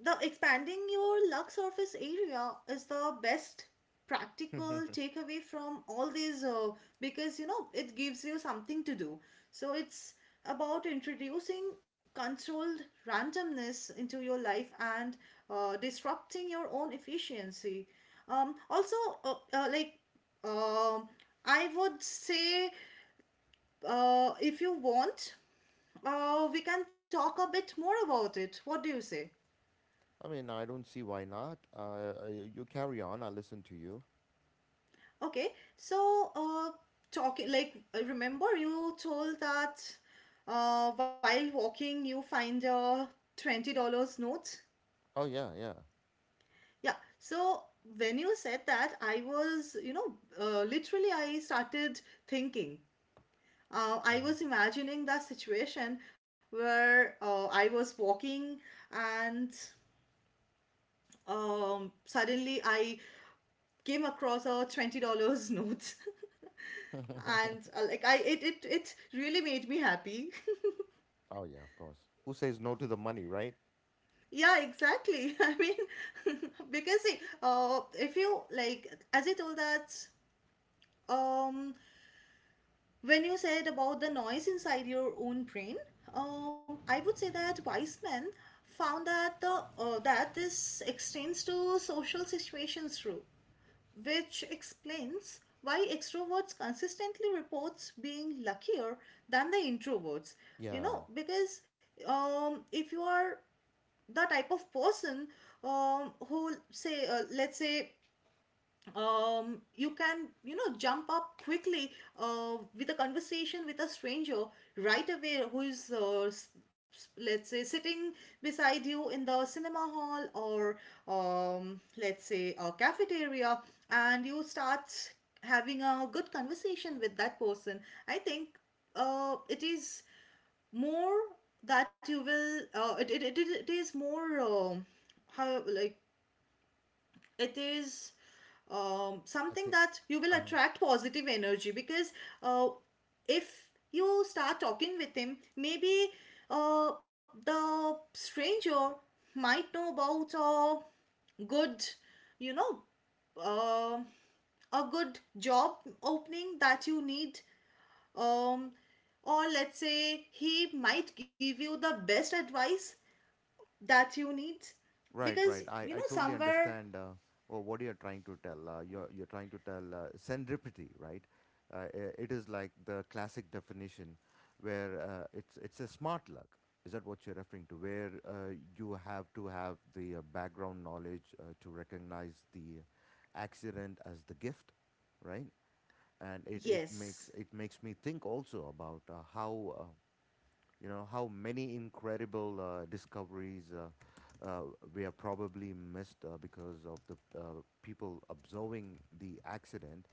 B: the expanding your lug surface area is the best practical takeaway from all these, because you know, it gives you something to do. So it's about introducing controlled randomness into your life and disrupting your own efficiency. Um, also uh, uh, like um I would say, if you want, we can talk a bit more about it. What do you say?
A: I mean, I don't see why not. You carry on. I'll listen to you.
B: Okay, so talking, like, I remember you told that while walking you find a $20 note.
A: Oh yeah, yeah.
B: Yeah, so when you said that, I was, you know, literally I started thinking. I was imagining that situation where I was walking and suddenly I came across a $20 note.
A: Mhm.
B: And like I it really made me happy.
A: Oh yeah, of course. Who says no to the money, right?
B: Yeah, exactly. I mean, because see, if you like, as I told, that um when you said about the noise inside your own brain, I would say that weisman found that the that this extends to social situations too, which explains why extroverts consistently reports being luckier than the introverts.
A: Yeah,
B: You know, because if you are the type of person who say, let's say, you can, you know, jump up quickly with a conversation with a stranger right away, who is let's say, sitting beside you in the cinema hall, or let's say a cafeteria, and you start having a good conversation with that person, I think it is more that you will, it is more, how, like, it is
A: I
B: something
A: think.
B: that you will
A: Uh-huh.
B: attract positive energy. Because uh, if you start talking with him, maybe the stranger might know about a good, you know, uh, a good job opening that you need. Um, or let's say he might give you the best advice that you need,
A: Right,
B: because
A: right.
B: you
A: I
B: know,
A: totally
B: somewhere.
A: understand, what you're trying to tell. You're trying to tell serendipity, right? It is like the classic definition where, it's a smart luck. Is that what you're referring to? Where you have to have the background knowledge to recognize the accident as the gift, right? And it makes,
B: Yes.
A: it makes me think also about how you know how many incredible discoveries we have probably missed because of the people observing the accident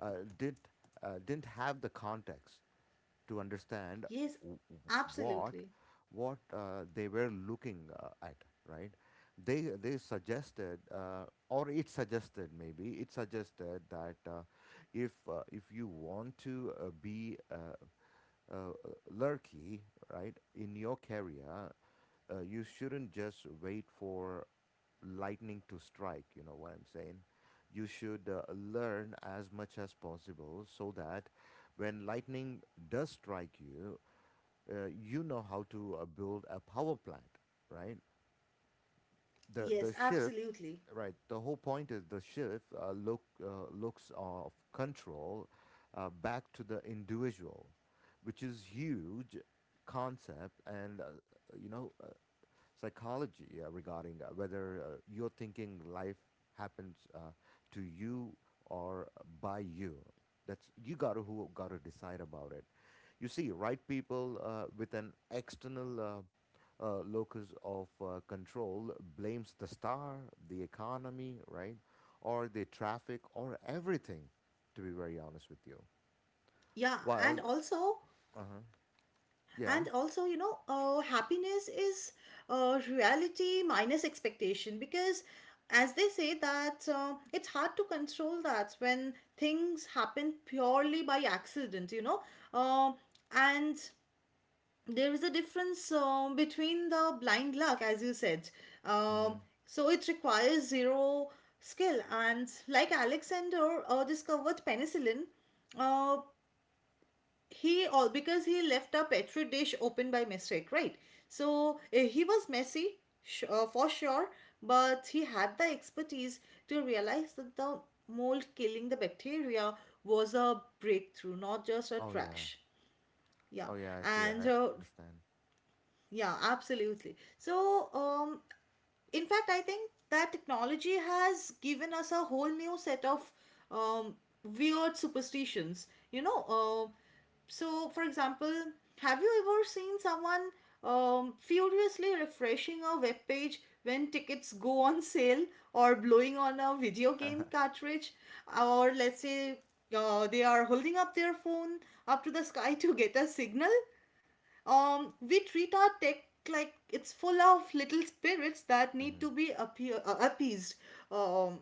A: uh, did didn't have the context to understand
B: Yes,
A: w- w- what
B: absolutely.
A: what they were looking at, right? They suggested, or it suggested, maybe it suggested that, if you want to be uh, uh, lurky, right, in your career, you shouldn't just wait for lightning to strike. You know what I'm saying? You should learn as much as possible so that when lightning does strike you, you know how to build a power plant, right? The
B: Yes,
A: shift,
B: absolutely.
A: right? The whole point is the shift, looks of control back to the individual, which is huge concept, and you know, psychology regarding whether you're thinking life happens to you, or by you. That's, you gotta, who gotta decide about it, you see, right? People with an external locus of control blames the star, the economy, right, or the traffic, or everything, to be very honest with you.
B: Yeah, and
A: While,
B: also,
A: uh huh, yeah,
B: and also, you know, happiness is reality minus expectation, because, as they say, that it's hard to control that when things happen purely by accident, you know. Um and there is a difference between the blind luck, as you said. Um,
A: mm-hmm.
B: so it requires zero skill. And like Alexander discovered penicillin, uh, he all because he left a petri dish open by mistake, right? So he was messy, for sure, but he had the expertise to realize that the mold killing the bacteria was a breakthrough, not just a
A: Oh yeah,
B: trash. Yeah,
A: oh yeah, I see,
B: and
A: I understand.
B: yeah, absolutely. So, in fact, I think that technology has given us a whole new set of um, weird superstitions. You know, um so for example, have you ever seen someone furiously refreshing a web page when tickets go on sale, or blowing on a video game cartridge, or let's say they are holding up their phone up to the sky to get a signal? Um, we treat our tech like it's full of little spirits that need
A: Hmm.
B: to be appeased. Um,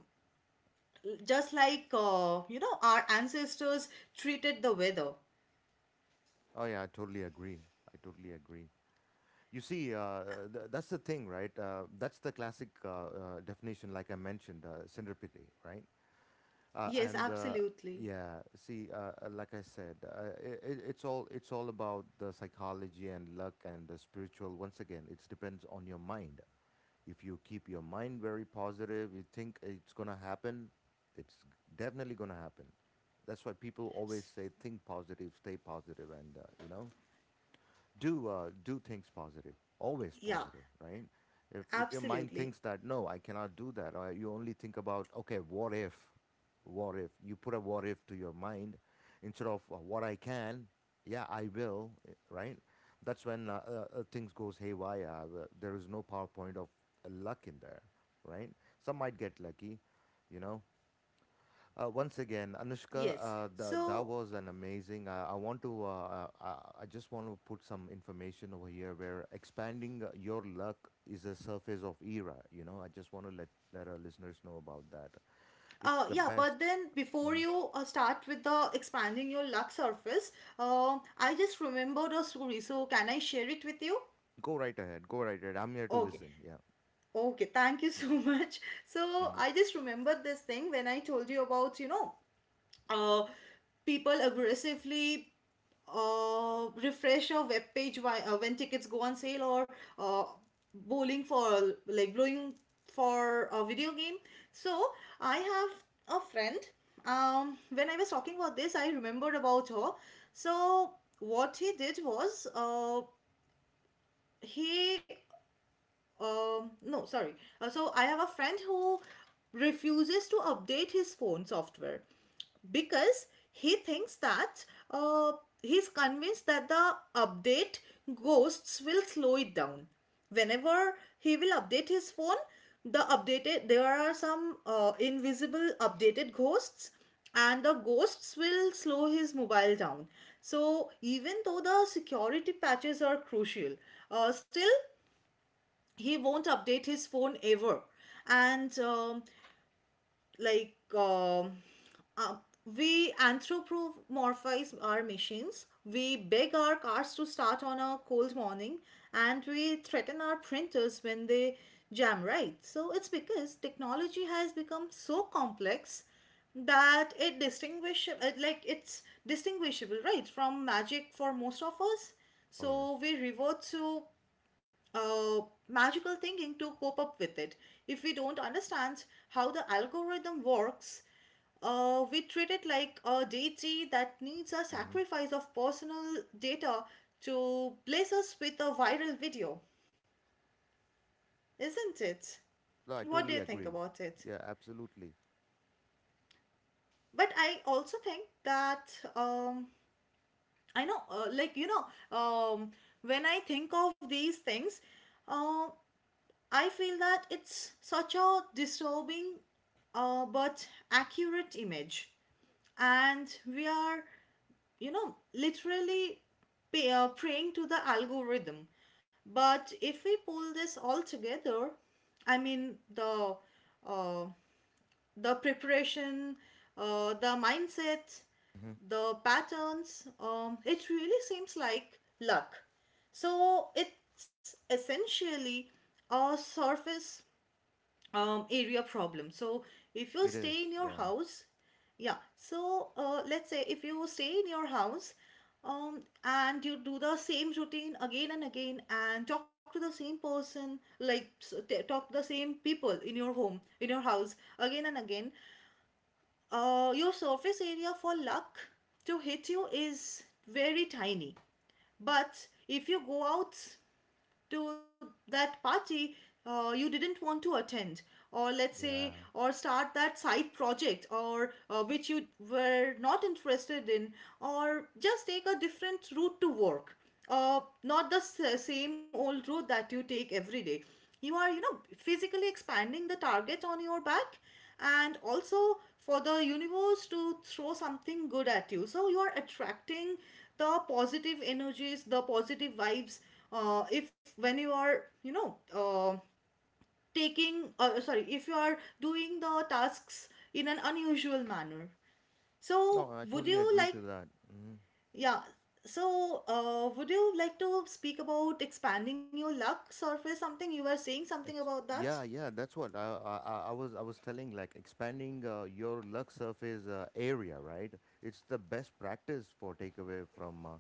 B: just like, you know, our ancestors treated the weather.
A: Oh yeah, I totally agree. I totally agree. You see, that's the thing, right? That's the classic definition, like I mentioned, centripety, right?
B: Yes,
A: And
B: absolutely.
A: Yeah, see, like I said, it's all, it's all about the psychology and luck and the spiritual. Once again, it depends on your mind. If you keep your mind very positive, you think it's going to happen. It's definitely going to happen. That's why people
B: S-
A: always say think positive, stay positive, and you know, do, do things positive, always
B: Yeah,
A: positive, right? If your mind
B: absolutely.
A: thinks that no, I cannot do that, or you only think about okay, what if, what if you put a what if to your mind instead of, what I can, yeah I will, eh, right? That's when things goes haywire. There is no powerpoint of luck in there, right? Some might get lucky, you know. Once again, Anushka,
B: Yes.
A: that
B: So,
A: was an amazing. I want to. I just want to put some information over here where expanding your luck is a surface of era. You know, I just want to let our listeners know about that. It's the
B: yeah,
A: best.
B: but then before
A: Hmm.
B: you start with the expanding your luck surface, I just remembered a story. So, can I share it with you?
A: Go right ahead. Go right ahead. I'm here to
B: Okay.
A: listen. Yeah.
B: Okay, thank you so much. So
A: Hmm.
B: I just remembered this thing when I told you about, you know, uh, people aggressively refresh a web page why, when tickets go on sale, or uh, bowling for, like, blowing for a video game. So I have a friend. When I was talking about this, I remembered about her. So what he did was, he no sorry so I have a friend who refuses to update his phone software, because he thinks that uh, he's convinced that the update ghosts will slow it down whenever he will update his phone. The updated, there are some invisible updated ghosts, and the ghosts will slow his mobile down. So even though the security patches are crucial, still he won't update his phone ever. And like um uh, we anthropomorphize our machines. We beg our cars to start on a cold morning, and we threaten our printers when they jam, right? So it's because technology has become so complex that it's distinguishable, right, from magic for most of us.
A: Oh yes.
B: So we revert to uh, magical thinking to cope up with it. If we don't understand how the algorithm works, we treat it like a deity that needs a
A: Hmm.
B: sacrifice of personal data to bless us with a viral video, isn't it?
A: No, I
B: What do
A: totally
B: you think
A: agree.
B: about it?
A: Yeah, absolutely.
B: But I also think that um, I know, like you know, um, when I think of these things, uh, I feel that it's such a disturbing but accurate image. And we are, you know, literally praying to the algorithm. But if we pull this all together, I mean, uh, the preparation, the mindsets,
A: Mhm.
B: the patterns. It really seems like luck. So it's essentially a surface area problem. So if you
A: It is.
B: stay in your
A: Yeah.
B: house, yeah. So let's say if you stay in your house and you do the same routine again and again and talk to the same person, like talk to the same people in your home, in your house again and again, your surface area for luck to hit you is very tiny. But if you go out to that party you didn't want to attend, or let's say,
A: Yeah.
B: or start that side project, or which you were not interested in, or just take a different route to work, not the same old route that you take every day. You are, you know, physically expanding the target on your back, and also for the universe to throw something good at you. So you are attracting the positive energies, the positive vibes. If when you are, you know, if you are doing the tasks in an unusual manner. So
A: No, I
B: would
A: totally
B: you
A: agree
B: like,
A: to that. Mhm.
B: yeah. So, would you like to speak about expanding your luck surface? Something you were saying something about that?
A: Yeah, yeah, that's what I was telling, like expanding your luck surface area, right? It's the best practice for takeaway from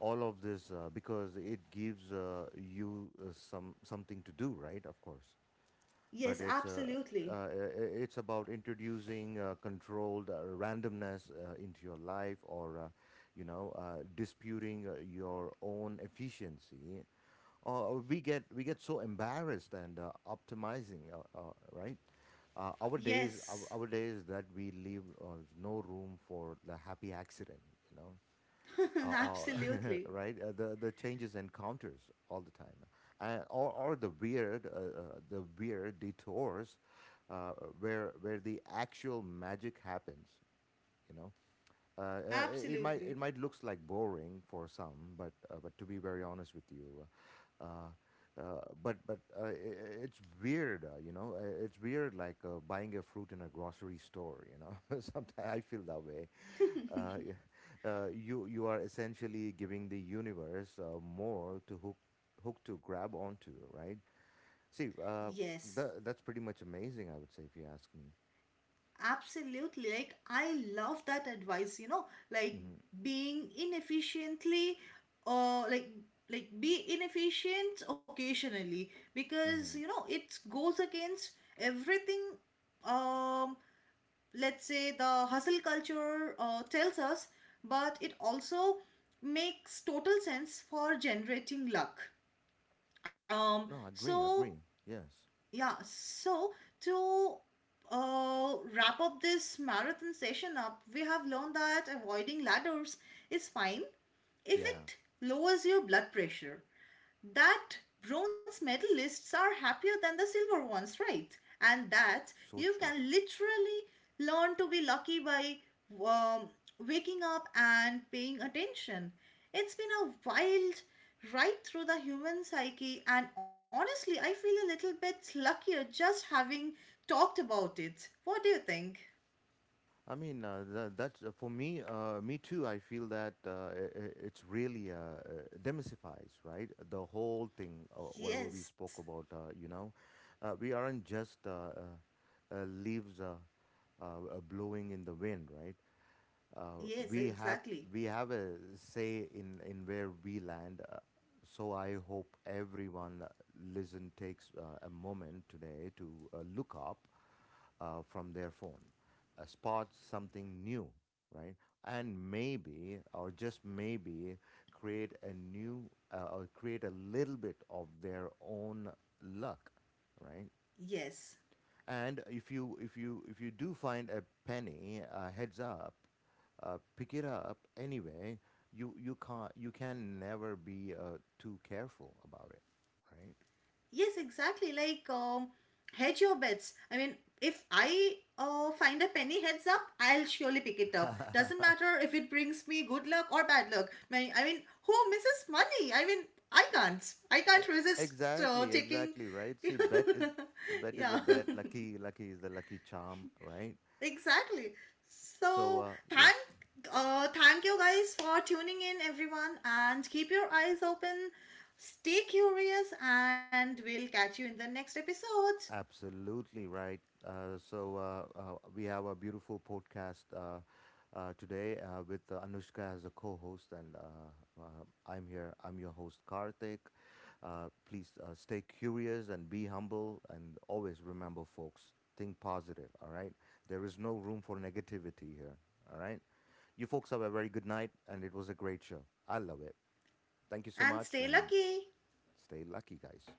A: all of this, because it gives you some something to do, right? Of course,
B: Yes,
A: but it's,
B: absolutely.
A: it's about introducing controlled randomness into your life, or, you know, disputing your own efficiency. We get so embarrassed and optimizing, right, our days,
B: Yes.
A: our days, that we leave no room for the happy accident, you know.
B: Absolutely.
A: Right, the changes encounters all the time, and, or the weird, the weird detours, uh, where the actual magic happens, you know. It might,
B: Absolutely.
A: looks like boring for some, but, but to be very honest with you, uh, it's weird, you know. Uh, it's weird like buying a fruit in a grocery store, you know. Sometimes I feel that way. Uh, y- you are essentially giving the universe more to hook, to grab onto, right? See,
B: Yes.
A: that's pretty much amazing, I would say, if you ask me.
B: Absolutely. Like, I love that advice, you know, like
A: Hmm.
B: being inefficiently, or like be inefficient occasionally, because you
A: Hmm.
B: know it goes against everything. um let's say the hustle culture tells us, but it also makes total sense for generating luck. um
A: No, agree,
B: so
A: agree. Yes.
B: yeah, so to wrap up this marathon session up, we have learned that avoiding ladders is fine if
A: Yeah.
B: it lowers your blood pressure, that bronze medalists are happier than the silver ones, right? And that
A: So
B: you
A: true.
B: can literally learn to be lucky by um, waking up and paying attention. It's been a wild ride through the human psyche, and honestly, I feel a little bit luckier just having talked about it. What do you think?
A: I mean, that, that's for me. Me too. I feel that it's really demystifies, right? The whole thing, whatever we
B: Yes,
A: spoke about. You know, we aren't just leaves blowing in the wind, right? uh,
B: yes,
A: we have
B: exactly.
A: we have a say in where we land. So I hope everyone, listen, takes a moment today to look up from their phone, spot something new, right? And maybe, or just maybe, create a new, or create a little bit of their own luck, right?
B: Yes.
A: And if you do find a penny, heads up, pick it up anyway. You can't you can never be too careful about it,
B: Yes, exactly. Like, hedge your bets. I mean, if I find a penny heads up, I'll surely pick it
A: right?
B: up. Doesn't matter if it brings me good luck or bad luck. My, I mean, who misses money? I mean, I can't. I
A: E-
B: can't resist
A: exactly,
B: taking.
A: exactly, right. See, bet is,
B: Yeah,
A: bet is a bet. Lucky, lucky is the lucky charm, right?
B: exactly.
A: So
B: So
A: yeah.
B: thank, thank you guys for tuning in, everyone, and keep your eyes open. Stay curious, and we'll catch you in the next episode.
A: Absolutely right. Uh, so uh, uh, we have a beautiful podcast today with, Anushka as a co-host, and, I'm here. I'm your host, Karthik. Please, stay curious and be humble, and always remember, folks, think positive. All right, there is no room for negativity here. All right, you folks have a very good night, and it was a great show. I love it. Thank you so
B: And
A: much,
B: stay
A: and
B: lucky.
A: stay lucky, guys.